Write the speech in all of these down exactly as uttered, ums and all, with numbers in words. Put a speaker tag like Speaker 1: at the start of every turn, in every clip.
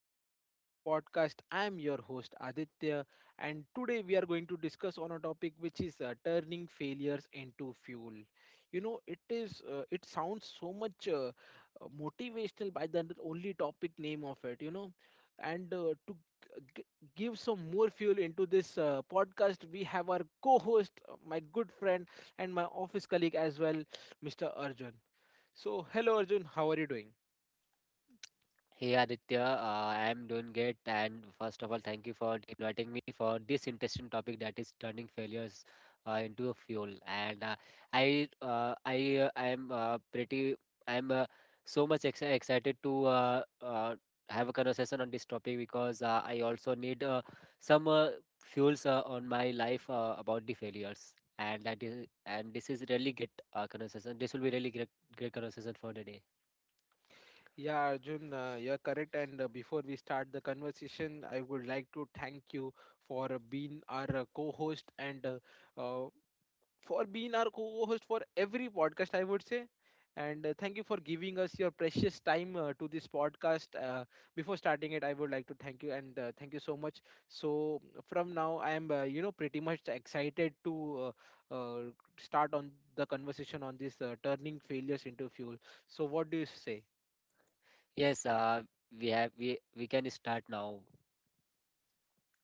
Speaker 1: again to today's podcast. I am your host Aditya, and today we are going to discuss on a topic which is uh, turning failures into fuel. You know, it is uh, it sounds so much uh, uh, motivational by the only topic name of it. You know, and uh, to g- give some more fuel into this uh, podcast, we have our co-host, uh, my good friend, and my office colleague as well, mister Arjun. So, hello Arjun, how are you doing?
Speaker 2: Hey Aditya, uh, I am doing great, and first of all, thank you for inviting me for this interesting topic that is turning failures uh, into a fuel. And uh, I, uh, I, uh, I am uh, pretty, I am uh, so much ex excited to uh, uh, have a conversation on this topic because uh, I also need uh, some uh, fuels uh, on my life uh, about the failures. And that is, and this is really great uh, conversation. This will be really great, great conversation for the day.
Speaker 1: Yeah, Arjun, uh, you're correct. And uh, before we start the conversation, I would like to thank you for uh, being our uh, co-host and uh, uh, for being our co-host for every podcast, I would say. And uh, thank you for giving us your precious time uh, to this podcast. Uh, before starting it, I would like to thank you and uh, thank you so much. So from now, I am uh, you know, pretty much excited to uh, uh, start on the conversation on this uh, turning failures into fuel. So what do you say?
Speaker 2: Yes, uh, we have we we can start now.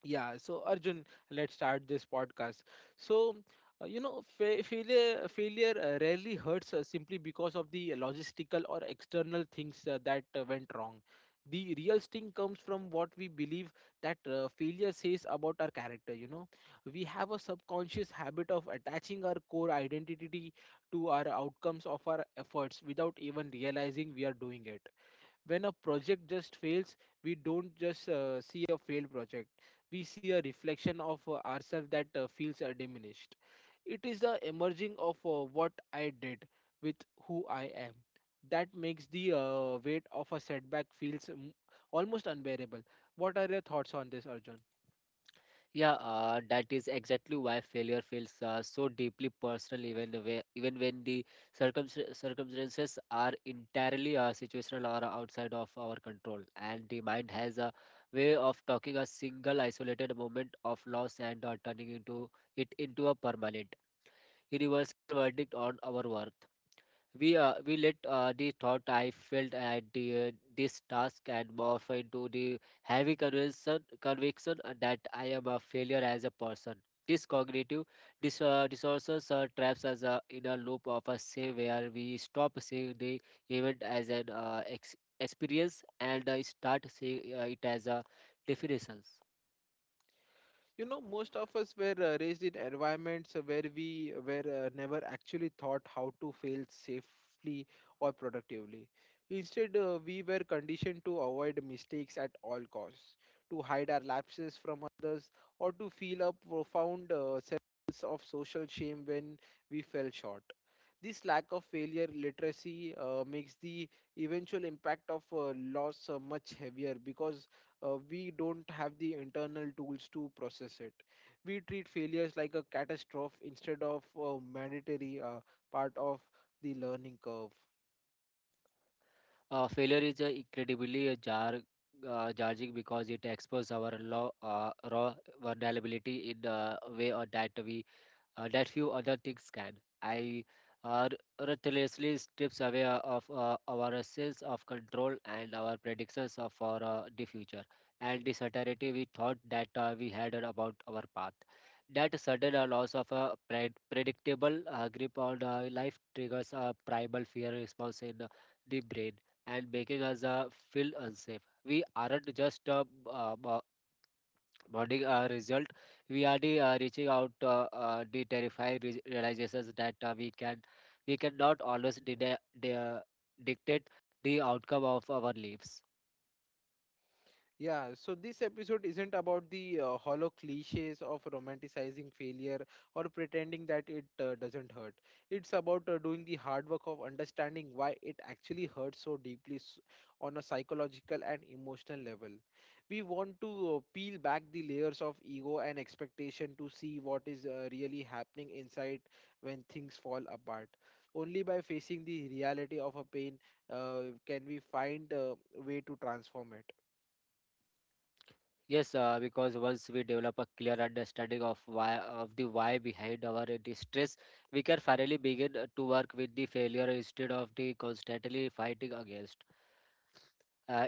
Speaker 1: Yeah, so Arjun, let's start this podcast. So, uh, you know, fa- failure uh, failure uh, rarely hurts uh, simply because of the logistical or external things uh, that uh, went wrong. The real sting comes from what we believe that uh, failure says about our character. You know, we have a subconscious habit of attaching our core identity to our outcomes of our efforts without even realizing we are doing it. When a project just fails, we don't just uh, see a failed project, we see a reflection of uh, ourselves that uh, feels uh, diminished. It is the emerging of uh, what I did with who I am that makes the uh, weight of a setback feels mm, almost unbearable. What are your thoughts on this, Arjun?
Speaker 2: Yeah, uh, that is exactly why failure feels uh, so deeply personal, even when, even when the circumst- circumstances are entirely uh, situational or outside of our control. And the mind has a way of talking a single isolated moment of loss and uh, turning into it into a permanent, universal verdict on our worth. We uh, we let uh, the thought I felt at the, uh, this task and morph into the heavy conviction conviction uh, that I am a failure as a person. This cognitive dis uh, disorders uh, traps us uh, in a loop of a say where we stop seeing the event as an uh, ex experience and uh, start seeing uh, it as a definition.
Speaker 1: You know, most of us were uh, raised in environments where we were uh, never actually taught how to fail safely or productively. Instead, uh, we were conditioned to avoid mistakes at all costs, to hide our lapses from others, or to feel a profound uh, sense of social shame when we fell short. This lack of failure literacy uh, makes the eventual impact of uh, loss uh, much heavier because uh, we don't have the internal tools to process it. We treat failures like a catastrophe instead of a mandatory uh, part of the learning curve.
Speaker 2: Uh, failure is a incredibly a jar, uh, jarring because it exposes our low, uh, raw vulnerability in a way uh, that we uh, that few other things can. I uh, ruthlessly strips away uh, of uh, our sense of control and our predictions of for uh, the future and the certainty we thought that uh, we had about our path. That sudden uh, loss of a pred- predictable uh, grip on uh, life triggers a primal fear response in uh, the brain and making us uh, feel unsafe. We aren't just uh, b- uh, b- bonding uh, result, we are the, uh, reaching out uh, uh, the terrifying re- realizations that uh, we can we cannot always de- de- dictate the outcome of our lives.
Speaker 1: Yeah, so this episode isn't about the uh, hollow cliches of romanticizing failure or pretending that it uh, doesn't hurt. It's about uh, doing the hard work of understanding why it actually hurts so deeply s- on a psychological and emotional level. We want to uh, peel back the layers of ego and expectation to see what is uh, really happening inside when things fall apart. Only by facing the reality of a pain uh, can we find a way to transform it.
Speaker 2: Yes, uh, because once we develop a clear understanding of why of the why behind our uh, distress, we can finally begin uh, to work with the failure instead of the constantly fighting against. Uh,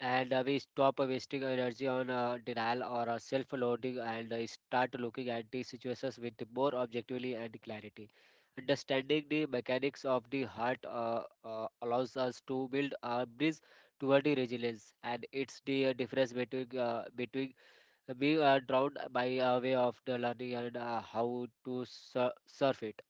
Speaker 2: and uh, We stop wasting energy on uh, denial or uh, self-loathing and uh, start looking at the situations with more objectively and clarity. Understanding the mechanics of the heart uh, uh, allows us to build a bridge toward the resilience, and it's the uh, difference between uh, between uh, being uh, drowned by a way of the learning and uh, how to sur- surf it.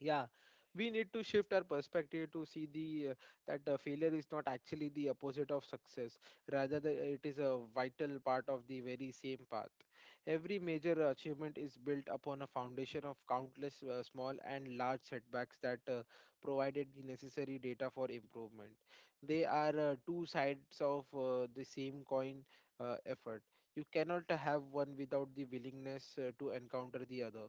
Speaker 1: Yeah, we need to shift our perspective to see the uh, that uh, failure is not actually the opposite of success. Rather, the, uh, it is a vital part of the very same path. Every major achievement is built upon a foundation of countless uh, small and large setbacks that uh, provided the necessary data for improvement. They are uh, two sides of uh, the same coin, uh, effort. You cannot have one without the willingness uh, to encounter the other.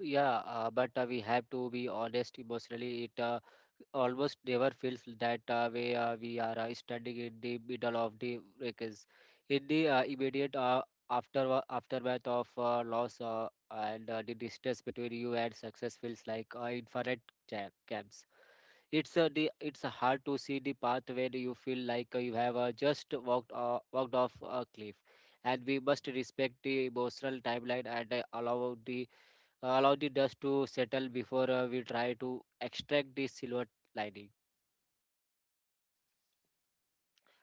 Speaker 2: Yeah, uh, but uh, we have to be honest emotionally. It uh, almost never feels that uh, way uh, we are uh, standing in the middle of the wreckage. In the uh, immediate uh, after uh, aftermath of uh, loss uh, and uh, the distance between you and success feels like uh, infinite ja- gaps. It's uh, the it's hard to see the path when you feel like uh, you have uh, just walked uh, walked off a cliff. And we must respect the emotional timeline and uh, allow the allow the dust to settle before uh, we try to extract the silver lining.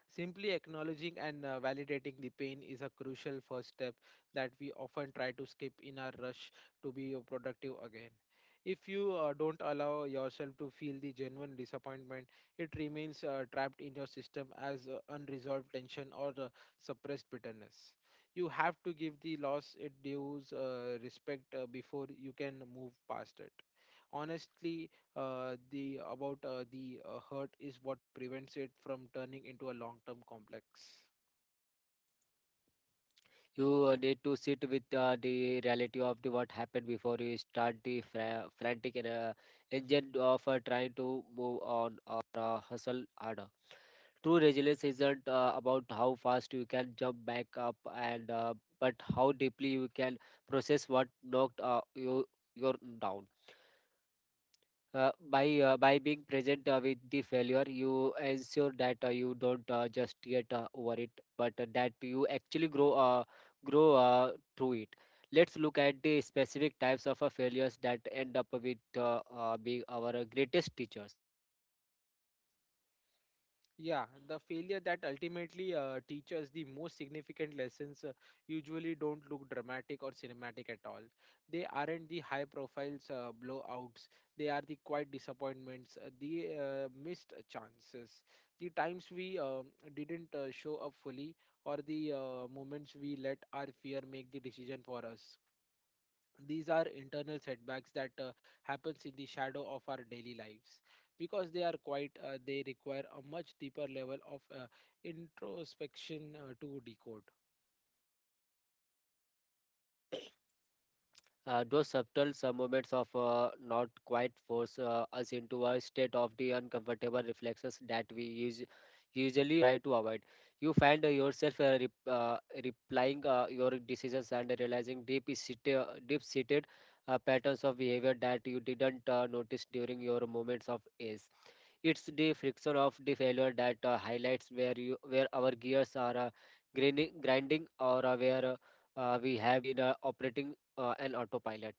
Speaker 1: Simply acknowledging and uh, validating the pain is a crucial first step that we often try to skip in our rush to be uh, productive again. If you uh, don't allow yourself to feel the genuine disappointment, it remains uh, trapped in your system as uh, unresolved tension or uh, suppressed bitterness. You have to give the loss it due uh, respect uh, before you can move past it honestly. Uh, the about uh, the uh, hurt is what prevents it from turning into a long-term complex.
Speaker 2: You uh, need to sit with uh, the reality of the what happened before you start the fra- frantic and, uh, engine of uh, trying to move on or uh, hustle harder. True resilience isn't uh, about how fast you can jump back up and uh, but how deeply you can process what knocked uh, you you down uh, by uh, by being present uh, with the failure you ensure that uh, you don't uh, just get uh, over it but uh, that you actually grow uh, grow uh, through it. Let's look at the specific types of uh, failures that end up with uh, uh, being our greatest teachers.
Speaker 1: Yeah, the failure that ultimately uh, teaches the most significant lessons uh, usually don't look dramatic or cinematic at all. They aren't the high profiles uh, blowouts. They are the quiet disappointments, uh, the uh, missed chances, the times we um, didn't uh, show up fully, or the uh, moments we let our fear make the decision for us. These are internal setbacks that uh, happens in the shadow of our daily lives because they are quite uh, they require a much deeper level of uh, introspection uh, to decode.
Speaker 2: Uh, those subtle sub moments of uh, not quite force uh, us into a state of the uncomfortable reflexes that we use, usually try to avoid. You find uh, yourself uh, rep, uh, replying uh, your decisions and realizing deep seated, deep seated uh, patterns of behavior that you didn't uh, notice during your moments of ease. It's the friction of the failure that uh, highlights where you where our gears are uh, grinding, grinding or uh, where uh, uh, we have been uh, operating uh, an autopilot.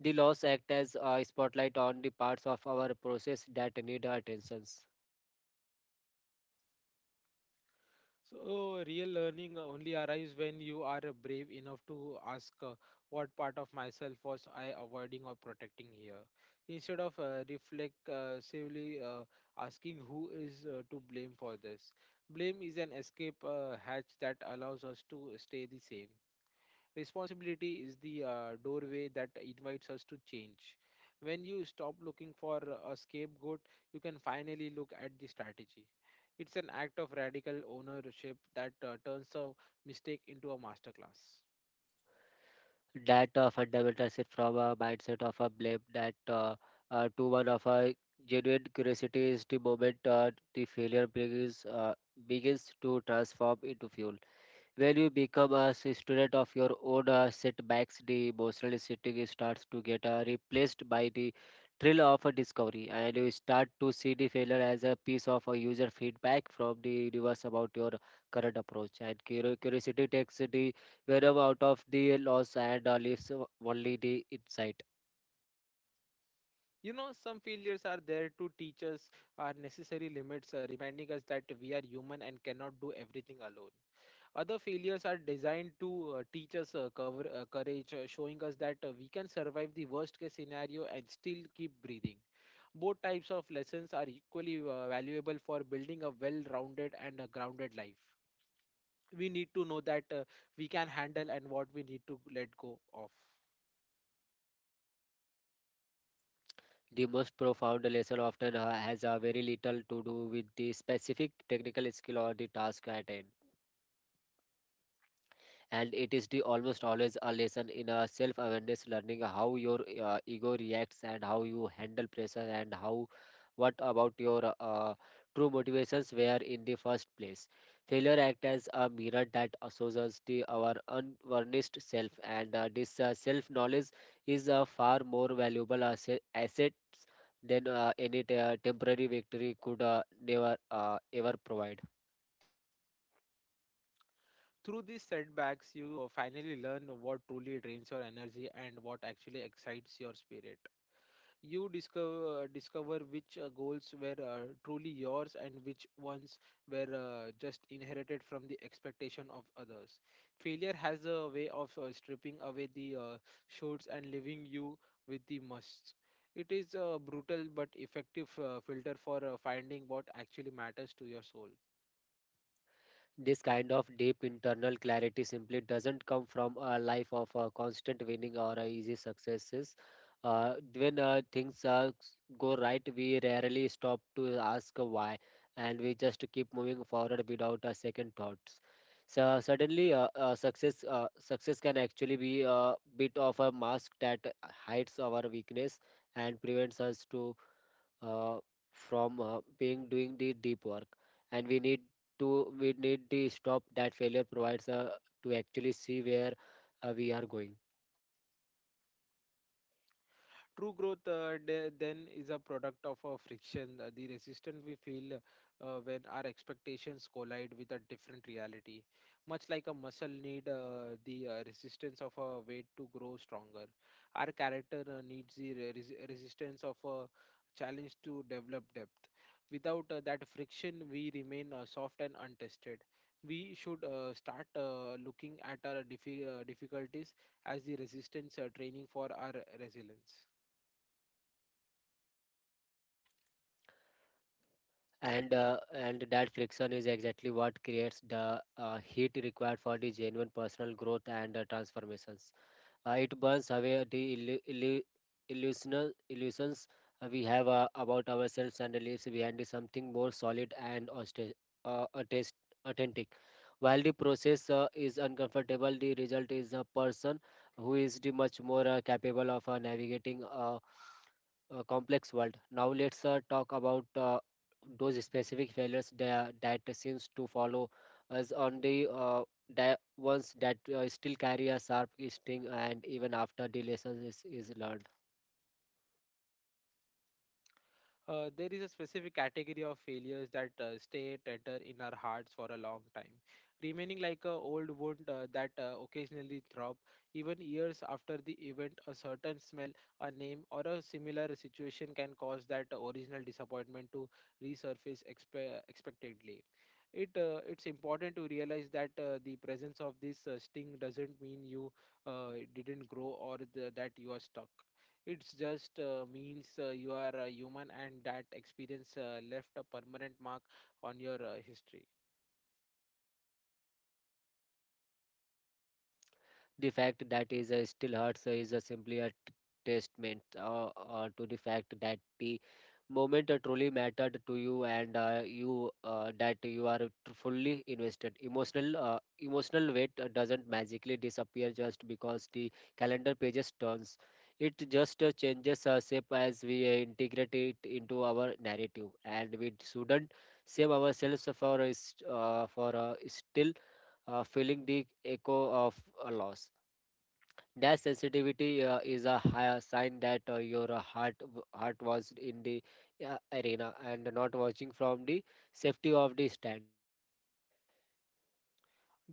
Speaker 2: The laws act as a spotlight on the parts of our process that need our attentions.
Speaker 1: So real learning only arrives when you are uh, brave enough to ask uh, what part of myself was I avoiding or protecting here, instead of uh, reflexively uh, asking who is uh, to blame for this. Blame is an escape uh, hatch that allows us to stay the same. Responsibility is the uh, doorway that invites us to change. When you stop looking for a scapegoat, you can finally look at the strategy. It's an act of radical ownership that uh, turns a mistake into a masterclass.
Speaker 2: That uh, fundamental shift from a mindset of a blame that uh, uh, to one of a genuine curiosity is the moment uh, the failure begins uh, begins to transform into fuel. When you become a s- student of your own uh, setbacks, the emotional sitting starts to get uh, replaced by the thrill of a discovery, and you start to see the failure as a piece of a user feedback from the universe about your current approach. And curi- curiosity takes the venom out of the loss and uh, leaves o- only the insight.
Speaker 1: You know, some failures are there to teach us our necessary limits, uh, reminding us that we are human and cannot do everything alone. Other failures are designed to uh, teach us uh, cover, uh, courage, uh, showing us that uh, we can survive the worst case scenario and still keep breathing. Both types of lessons are equally uh, valuable for building a well rounded and a grounded life. We need to know that uh, we can handle and what we need to let go of.
Speaker 2: The most profound lesson often uh, has uh, very little to do with the specific technical skill or the task at hand. And it is the almost always a lesson in a self awareness, learning how your uh, ego reacts and how you handle pressure and how what about your uh, true motivations were in the first place. Failure act as a mirror that shows us the our unvarnished self, and uh, this uh, self knowledge is a far more valuable asset asset than uh, any te- temporary victory could uh, never uh, ever provide.
Speaker 1: Through these setbacks, you uh, finally learn what truly drains your energy and what actually excites your spirit. You discover uh, discover which uh, goals were uh, truly yours and which ones were uh, just inherited from the expectation of others. Failure has a way of uh, stripping away the uh, shoulds and leaving you with the musts. It is a brutal but effective uh, filter for uh, finding what actually matters to your soul.
Speaker 2: This kind of deep internal clarity simply doesn't come from a life of uh, constant winning or uh, easy successes. Uh, when uh, things uh, s- go right, we rarely stop to ask why, and we just keep moving forward without a second thoughts. So suddenly, uh, uh, success uh, success can actually be a bit of a mask that hides our weakness and prevents us to uh, from uh, being doing the deep work, and we need to we need the stop that failure provides uh, to actually see where uh, we are going.
Speaker 1: True growth uh, de- then is a product of a friction, uh, the resistance we feel uh, when our expectations collide with a different reality. Much like a muscle need uh, the uh, resistance of a weight to grow stronger, our character uh, needs the re- resi- resistance of a challenge to develop depth. Without uh, that friction, we remain uh, soft and untested. We should uh, start uh, looking at our diffi- uh, difficulties as the resistance uh, training for our resilience.
Speaker 2: And uh, and that friction is exactly what creates the uh, heat required for the genuine personal growth and uh, transformations. Uh, it burns away the illu- illu- illusional illusions uh, we have uh, about ourselves and leaves behind something more solid and auste- uh, attest- authentic. While the process uh, is uncomfortable, the result is a person who is the much more uh, capable of uh, navigating a, a complex world. Now let's uh, talk about uh, those specific failures that, that seems to follow us on the uh, di- ones that uh, still carry a sharp sting and even after the lesson is, is learned.
Speaker 1: Uh, there is a specific category of failures that uh, stay tethered in our hearts for a long time, remaining like a old wound uh, that uh, occasionally throb even years after the event. A certain smell, a name, or a similar situation can cause that original disappointment to resurface expe- expectedly. It uh, it's important to realize that uh, the presence of this uh, sting doesn't mean you uh, didn't grow, or the, that you are stuck. It's just uh, means uh, you are a human and that experience uh, left a permanent mark on your uh, history.
Speaker 2: The fact that is uh, still hurts is uh, simply a t- testament uh, uh, to the fact that the moment uh, truly mattered to you and uh, you uh, that you are tr- fully invested. Emotional uh, emotional weight uh, doesn't magically disappear just because the calendar pages turns. It just uh, changes uh, shape as we uh, integrate it into our narrative, and we shouldn't save ourselves for uh, s- uh, for uh, still uh, feeling the echo of a loss. That sensitivity uh, is a higher sign that uh, your uh, heart w- heart was in the uh, arena and not watching from the safety of the stand.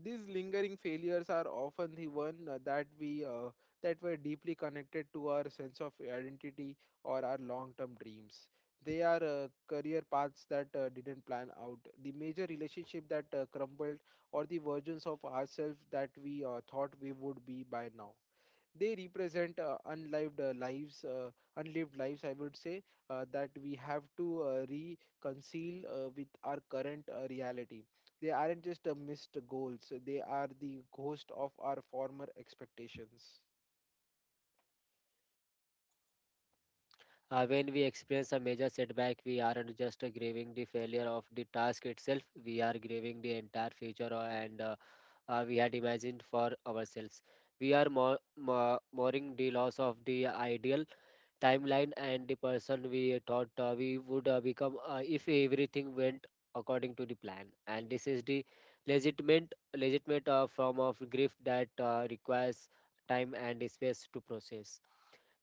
Speaker 1: These lingering failures are often the one uh, that we uh, that were deeply connected to our sense of identity or our long-term dreams. They are uh, career paths that uh, didn't plan out, the major relationship that uh, crumbled, or the versions of ourselves that we uh, thought we would be by now. They represent uh, unlived uh, lives uh, unlived lives, I would say, uh, that we have to uh, reconcile uh, with our current uh, reality. They aren't just uh, missed goals, they are the ghost of our former expectations.
Speaker 2: Uh, when we experience a major setback, we aren't just uh, grieving the failure of the task itself. We are grieving the entire future uh, and uh, uh, we had imagined for ourselves. We are more, more, mourning the loss of the ideal timeline and the person we thought uh, we would uh, become uh, if everything went according to the plan. And this is the legitimate legitimate uh, form of grief that uh, requires time and space to process.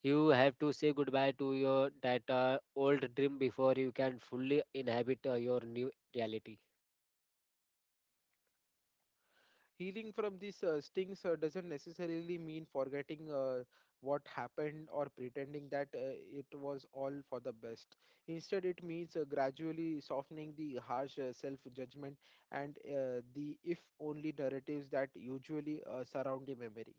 Speaker 2: You have to say goodbye to your that uh, old dream before you can fully inhabit uh, your new reality.
Speaker 1: Healing from these uh, stings uh, doesn't necessarily mean forgetting uh, what happened or pretending that uh, it was all for the best. Instead, it means uh, gradually softening the harsh uh, self judgment and uh, the if only narratives that usually uh, surround the memory.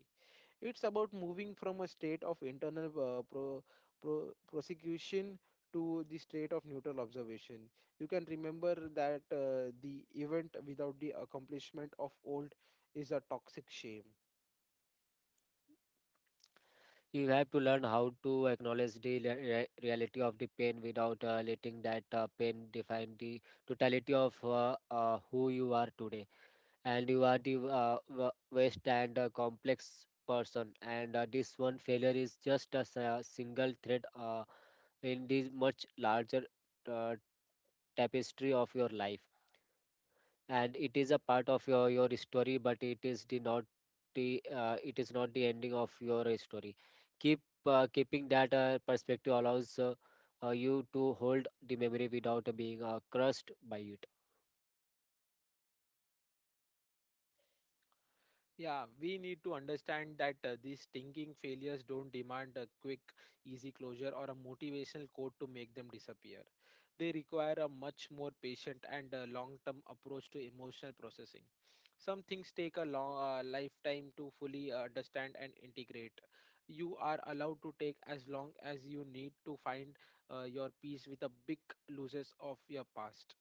Speaker 1: It's about moving from a state of internal uh, pro, pro, prosecution to the state of neutral observation. You can remember that uh, the event without the accomplishment of old is a toxic shame.
Speaker 2: You have to learn how to acknowledge the rea- rea- reality of the pain without uh, letting that uh, pain define the totality of uh, uh, who you are today. And you are the uh, v- vast and uh, complex person. And uh, this one failure is just a s- uh, single thread uh, in this much larger uh, tapestry of your life, and it is a part of your your story, but it is the not the uh, it is not the ending of your story. keep uh, Keeping that uh, perspective allows uh, uh, you to hold the memory without being uh, crushed by it.
Speaker 1: Yeah, we need to understand that uh, these stinking failures don't demand a quick, easy closure or a motivational quote to make them disappear. They require a much more patient and uh, long-term approach to emotional processing. Some things take a long uh, lifetime to fully uh, understand and integrate. You are allowed to take as long as you need to find uh, your peace with the big losses of your past.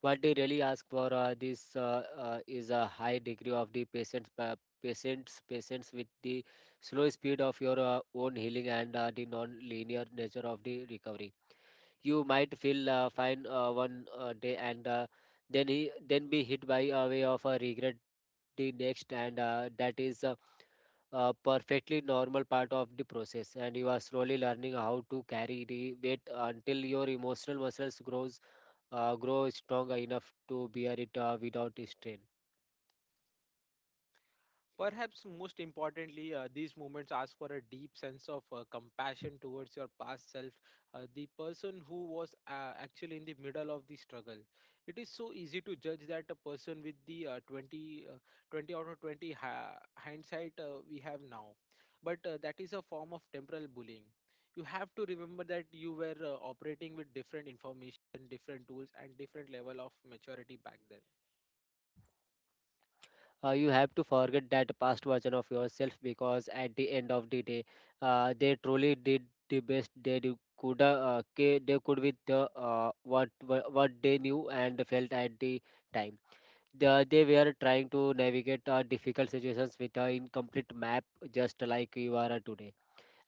Speaker 2: What they really ask for, uh, this uh, uh, is a high degree of the patience, pa- patient's patience with the slow speed of your uh, own healing and uh, the non-linear nature of the recovery. You might feel uh, fine uh, one uh, day, and uh, then he, then be hit by a way of a regret the next, and uh, that is a, a perfectly normal part of the process, and you are slowly learning how to carry the weight until your emotional muscles grows uh, grow strong enough to bear it uh, without strain.
Speaker 1: Perhaps most importantly, uh, these moments ask for a deep sense of uh, compassion towards your past self, uh, the person who was uh, actually in the middle of the struggle. It is so easy to judge that a person with the uh, twenty, uh, twenty out of twenty ha- hindsight uh, we have now, but uh, that is a form of temporal bullying. You have to remember that you were uh, operating with different information, different tools, and different level of maturity back then.
Speaker 2: Uh, you have to forget that past version of yourself, because at the end of the day, uh, they truly did the best they do, could, uh, uh, ca- they could with the uh, what wha- what they knew and felt at the time. The, they were trying to navigate uh, difficult situations with an incomplete map, just like you are uh, today.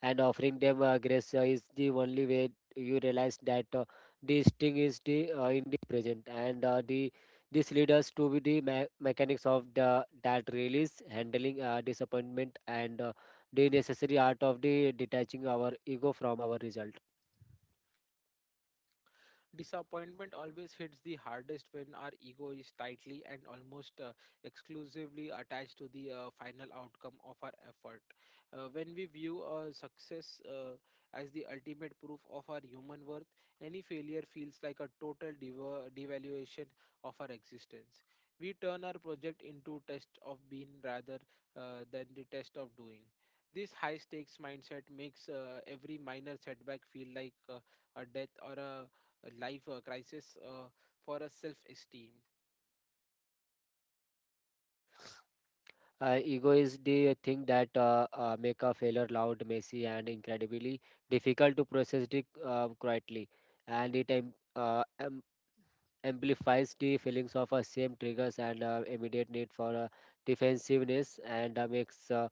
Speaker 2: And offering them uh, grace uh, is the only way you realize that uh, this thing is the uh, in the present, and uh, the this leads us to be the me- mechanics of the that release handling uh, disappointment and uh, the necessary art of the detaching our ego from our result.
Speaker 1: Disappointment always hits the hardest when our ego is tightly and almost uh, exclusively attached to the uh, final outcome of our effort. Uh, when we view a success uh, as the ultimate proof of our human worth, any failure feels like a total deva- devaluation of our existence. We turn our project into test of being rather uh, than the test of doing. This high stakes mindset makes uh, every minor setback feel like uh, a death or a life uh, crisis uh, for a self esteem.
Speaker 2: Uh, ego is the thing that uh, uh, make a failure loud, messy, and incredibly difficult to process it uh, quietly, and it um, uh, amplifies the feelings of uh, same triggers and uh, immediate need for uh, defensiveness, and uh, makes uh,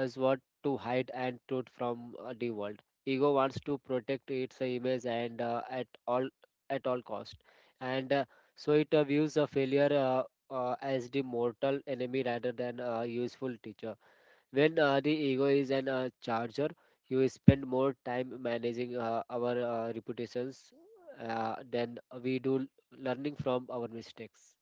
Speaker 2: us want to hide and truth from uh, the world. Ego wants to protect its uh, image and uh, at all at all cost, and uh, so it uh, views a failure, uh, uh, as the mortal enemy rather than a useful teacher. When uh, the ego is an uh, charger, you spend more time managing uh, our uh, reputations uh, than we do learning from our mistakes.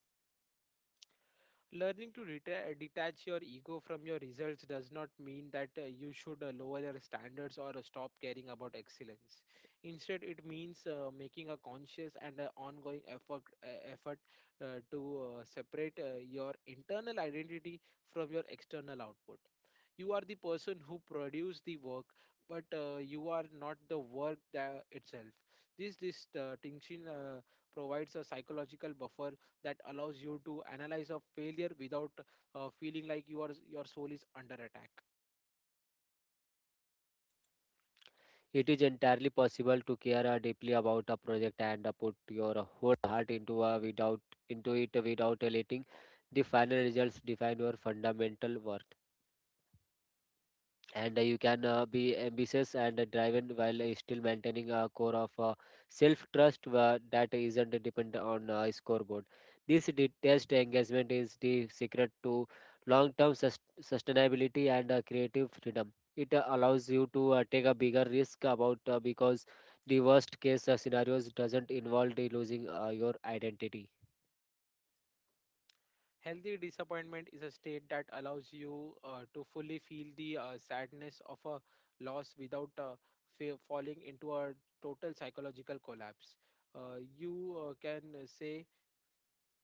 Speaker 1: Learning to reta- detach your ego from your results does not mean that uh, you should uh, lower your standards or uh, stop caring about excellence. Instead, it means uh, making a conscious and uh, ongoing effort, uh, effort uh, to uh, separate uh, your internal identity from your external output. You are the person who produce the work, but uh, you are not the work that itself. This this uh, distinction uh, provides a psychological buffer that allows you to analyze a failure without uh, feeling like your your soul is under attack.
Speaker 2: It is entirely possible to care uh, deeply about a project and uh, put your whole heart into uh, without into it without letting the final results define your fundamental worth. And uh, you can uh, be ambitious and uh, driven while uh, still maintaining a core of uh, self trust uh, that isn't dependent on uh, scoreboard. This de- test engagement is the secret to long term sus- sustainability and uh, creative freedom. It uh, allows you to uh, take a bigger risk about uh, because the worst case uh, scenarios doesn't involve the losing uh, your identity.
Speaker 1: Healthy disappointment is a state that allows you uh, to fully feel the uh, sadness of a loss without uh, fa- falling into a total psychological collapse. uh, you uh, can uh, say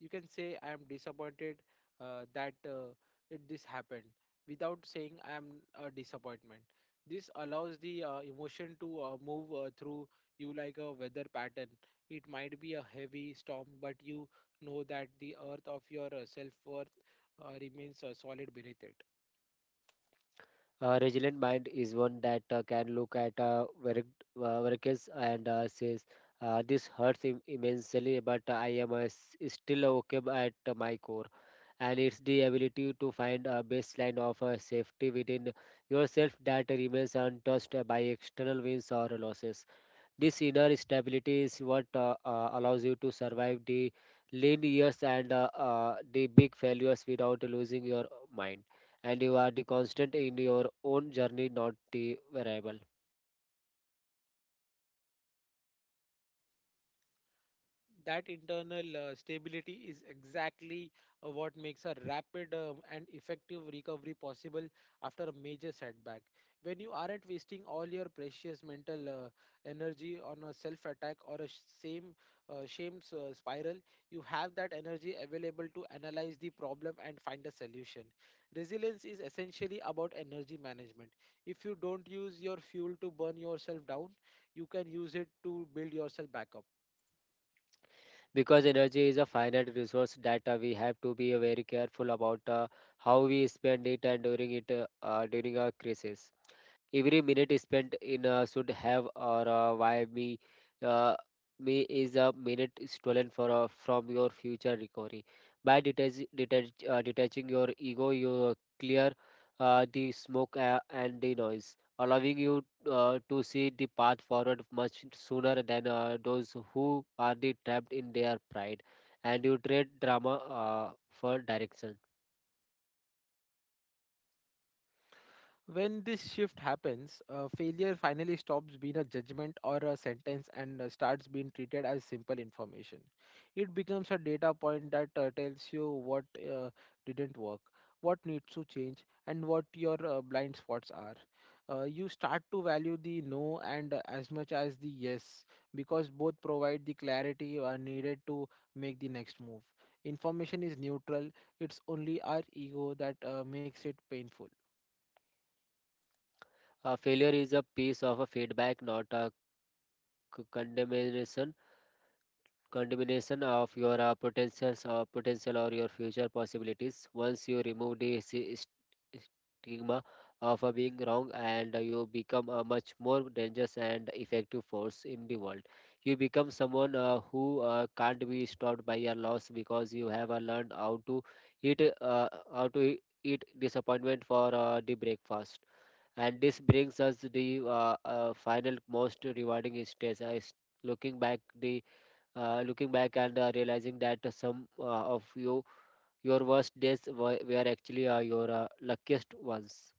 Speaker 1: you can say, I am disappointed uh, that uh, it this happened, without saying I am a disappointment. This allows the uh, emotion to uh, move uh, through you like a weather pattern. It might be a heavy storm, but you know that the earth of your uh, self-worth uh, remains uh, solid beneath it.
Speaker 2: A resilient mind is one that uh, can look at uh, work, uh, workers and uh, says, uh, "This hurts im- immensely, but I am uh, s- still okay at uh, my core." And it's the ability to find a baseline of uh, safety within yourself that remains untouched by external wins or losses. This inner stability is what uh, uh, allows you to survive the lean years and uh, uh, the big failures without losing your mind. And you are the constant in your own journey, not the variable.
Speaker 1: That internal uh, stability is exactly uh, what makes a rapid um, and effective recovery possible after a major setback. When you aren't wasting all your precious mental uh, energy on a self attack or a sh- same uh, shame s- uh, spiral, you have that energy available to analyze the problem and find a solution. Resilience is essentially about energy management. If you don't use your fuel to burn yourself down, you can use it to build yourself back up.
Speaker 2: Because energy is a finite resource that uh, we have to be very careful about uh, how we spend it, and during it uh, uh, during a crisis. Every minute spent in uh, should have or uh, why me uh, me is a minute stolen for uh, from your future recovery. By detach, detach, uh, detaching your ego, you clear uh, the smoke uh, and the noise, allowing you uh, to see the path forward much sooner than uh, those who are the trapped in their pride, and you trade drama uh, for direction.
Speaker 1: When this shift happens, uh, failure finally stops being a judgment or a sentence and uh, starts being treated as simple information. It becomes a data point that uh, tells you what uh, didn't work, what needs to change, and what your uh, blind spots are. Uh, you start to value the no and uh, as much as the yes, because both provide the clarity uh, needed to make the next move. Information is neutral; it's only our ego that uh, makes it painful.
Speaker 2: Uh, failure is a piece of a feedback, not a c- condemnation. Contamination of your uh, potentials or potential or your future possibilities. Once you remove the si- st- stigma of uh, being wrong, and uh, you become a much more dangerous and effective force in the world. You become someone uh, who uh, can't be stopped by your loss because you have uh, learned how to eat uh, how to eat disappointment for uh, the breakfast. And this brings us the uh, uh, final, most rewarding stage. I s- looking back the uh, looking back and uh, realizing that uh, some uh, of you your worst days were, were actually uh, your uh, luckiest ones.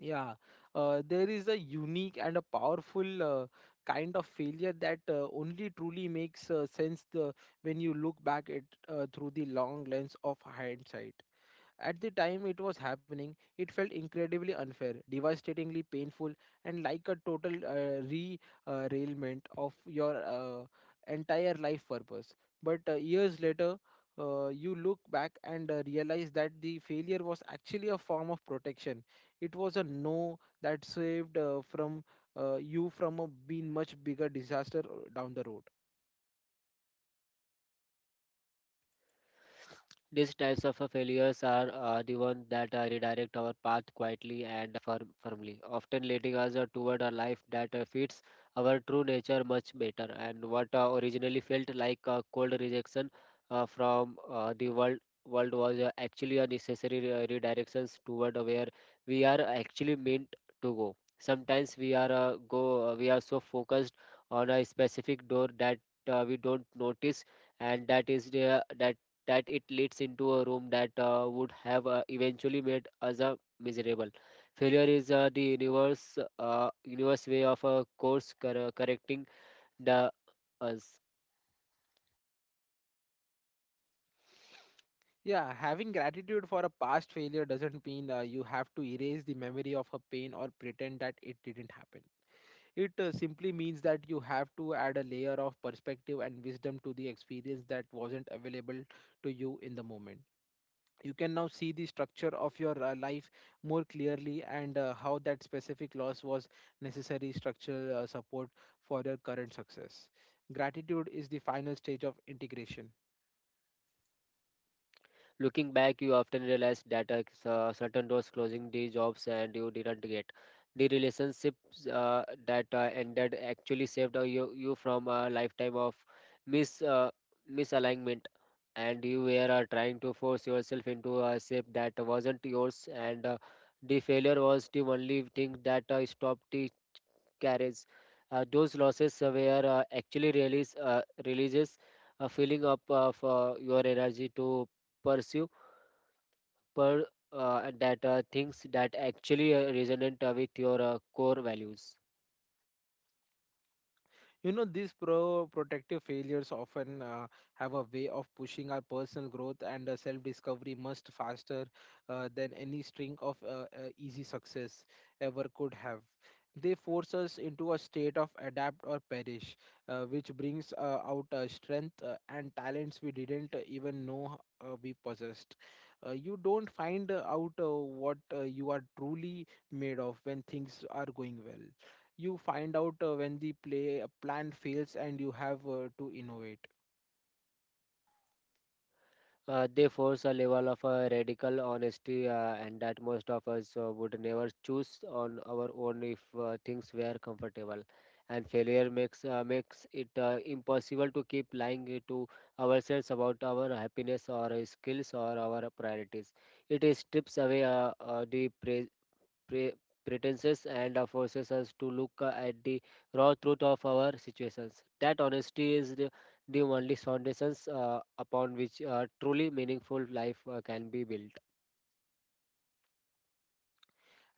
Speaker 1: Yeah, uh, there is a unique and a powerful uh, kind of failure that uh, only truly makes uh, sense the, when you look back at uh, through the long lens of hindsight. At the time it was happening, it felt incredibly unfair, devastatingly painful, and like a total uh, re uh, railment of your uh, entire life purpose. But uh, years later, uh, you look back and uh, realize that the failure was actually a form of protection. It was a no that saved uh, from uh, you from a being much bigger disaster uh, down the road.
Speaker 2: These types of uh, failures are uh, the ones that uh, redirect our path quietly and firm, firmly, often leading us uh, toward a life that uh, fits our true nature much better. And what uh, originally felt like a cold rejection uh, from uh, the world world was uh, actually a necessary re- redirections toward where we are actually meant to go. Sometimes we are uh, go uh, we are so focused on a specific door that uh, we don't notice, and that is the that that it leads into a room that uh, would have uh, eventually made us uh, miserable. Failure is uh, the universe, uh, universe way of a course cor- correcting the us.
Speaker 1: Yeah, having gratitude for a past failure doesn't mean uh, you have to erase the memory of a pain or pretend that it didn't happen. It uh, simply means that you have to add a layer of perspective and wisdom to the experience that wasn't available to you in the moment. You can now see the structure of your uh, life more clearly, and uh, how that specific loss was necessary structural uh, support for your current success. Gratitude is the final stage of integration.
Speaker 2: Looking back, you often realize that uh, s- uh, certain doors closing, the jobs and you didn't get. The relationships uh, that uh, ended actually saved uh, you, you from a lifetime of mis, uh, misalignment, and you were uh, trying to force yourself into a shape that wasn't yours, and uh, the failure was the only thing that uh, stopped the carriage. Uh, those losses uh, were uh, actually release uh, releases, a filling up of uh, your energy to pursue per uh, that uh, things that actually uh, resonate uh, with your uh, core values.
Speaker 1: You know, these pro protective failures often uh, have a way of pushing our personal growth and uh, self-discovery much faster uh, than any string of uh, uh, easy success ever could have. They force us into a state of adapt or perish, uh, which brings uh, out uh, strength uh, and talents we didn't uh, even know uh, we possessed. Uh, you don't find uh, out uh, what uh, you are truly made of when things are going well. You find out uh, when the play uh, plan fails and you have uh, to innovate.
Speaker 2: Uh, they force a level of uh, radical honesty, uh, and that most of us uh, would never choose on our own if uh, things were comfortable. And failure makes uh, makes it uh, impossible to keep lying to ourselves about our happiness or uh, skills or our priorities. It is strips away uh, uh, the pra pre- pretenses and uh, forces us to look uh, at the raw truth of our situations. That honesty is the, the only foundations uh, upon which uh, truly meaningful life uh, can be built.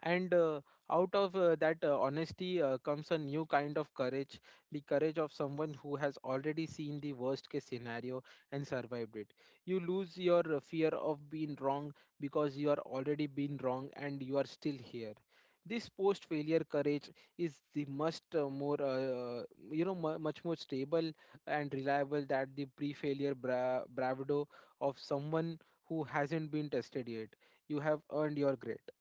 Speaker 1: And uh, out of uh, that uh, honesty uh, comes a new kind of courage, the courage of someone who has already seen the worst case scenario and survived it. You lose your uh, fear of being wrong, because you are already been wrong and you are still here. This post failure courage is the much uh, more uh, you know mu much more stable and reliable that the pre failure bra- bravado of someone who hasn't been tested yet. You have earned your grade.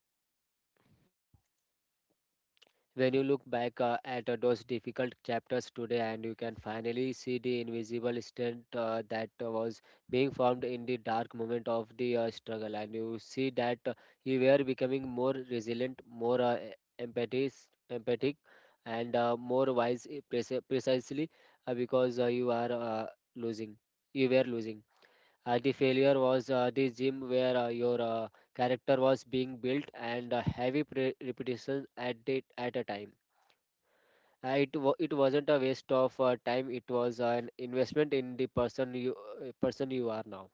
Speaker 2: When you look back uh, at uh, those difficult chapters today, and you can finally see the invisible strength uh, that uh, was being formed in the dark moment of the uh, struggle, and you see that uh, you were becoming more resilient, more uh, empathic, empathic, and uh, more wise, eh, preci- precisely uh, because uh, you are uh, losing. You were losing. Uh, the failure was uh, the gym where uh, your uh, character was being built, and uh, heavy pre- repetition at it at a time. Uh, it wa it wasn't a waste of uh, time. It was an investment in the person you uh, person you are now.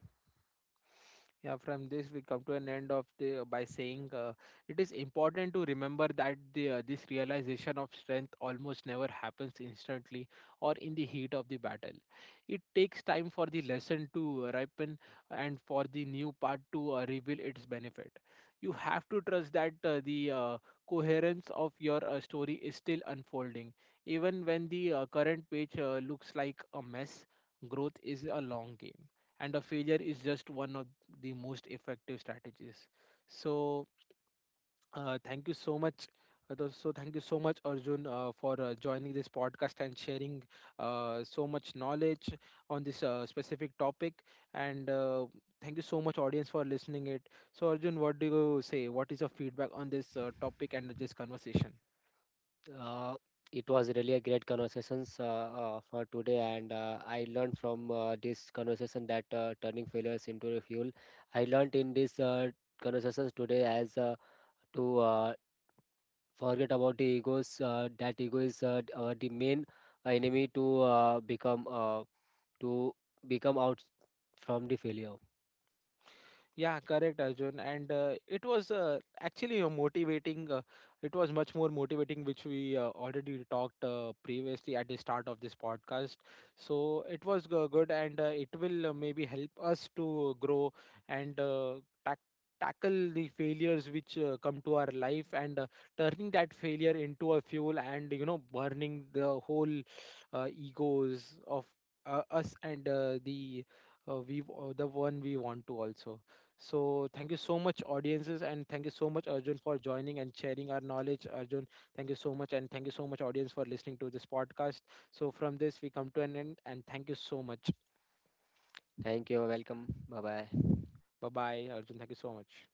Speaker 1: Yeah, from this we come to an end of the uh, by saying uh, it is important to remember that the uh, this realization of strength almost never happens instantly or in the heat of the battle. It takes time for the lesson to ripen and for the new part to uh, reveal its benefit. You have to trust that uh, the uh, coherence of your uh, story is still unfolding, even when the uh, current page uh, looks like a mess. Growth is a long game, and a failure is just one of the most effective strategies. So uh, thank you so much. Uh, th- so thank you so much, Arjun, uh, for uh, joining this podcast and sharing uh, so much knowledge on this uh, specific topic. And uh, thank you so much, audience, for listening it. So Arjun, what do you say? What is your feedback on this uh, topic and this conversation?
Speaker 2: Uh, it was really a great conversations uh, uh, for today, and uh, I learned from uh, this conversation that uh, turning failures into a fuel. I learned in this uh, conversations today as uh, to uh, forget about the egos. Uh, that ego is uh, d- uh, the main enemy to uh, become uh, to become out from the failure.
Speaker 1: Yeah, correct, Arjun. And uh, it was uh, actually a motivating. Uh, it was much more motivating, which we uh, already talked uh, previously at the start of this podcast. So it was go- good, and uh, it will uh, maybe help us to grow and uh, tack tackle the failures which uh, come to our life, and uh, turning that failure into a fuel, and you know, burning the whole uh, egos of uh, us and uh, the uh, we uh, the one we want to also. So thank you so much, audiences, and thank you so much, Arjun, for joining and sharing our knowledge. Arjun, thank you so much, and thank you so much, audience, for listening to this podcast. So from this, we come to an end, and thank you so much.
Speaker 2: Thank you. Welcome. Bye bye.
Speaker 1: Bye bye, Arjun. Thank you so much.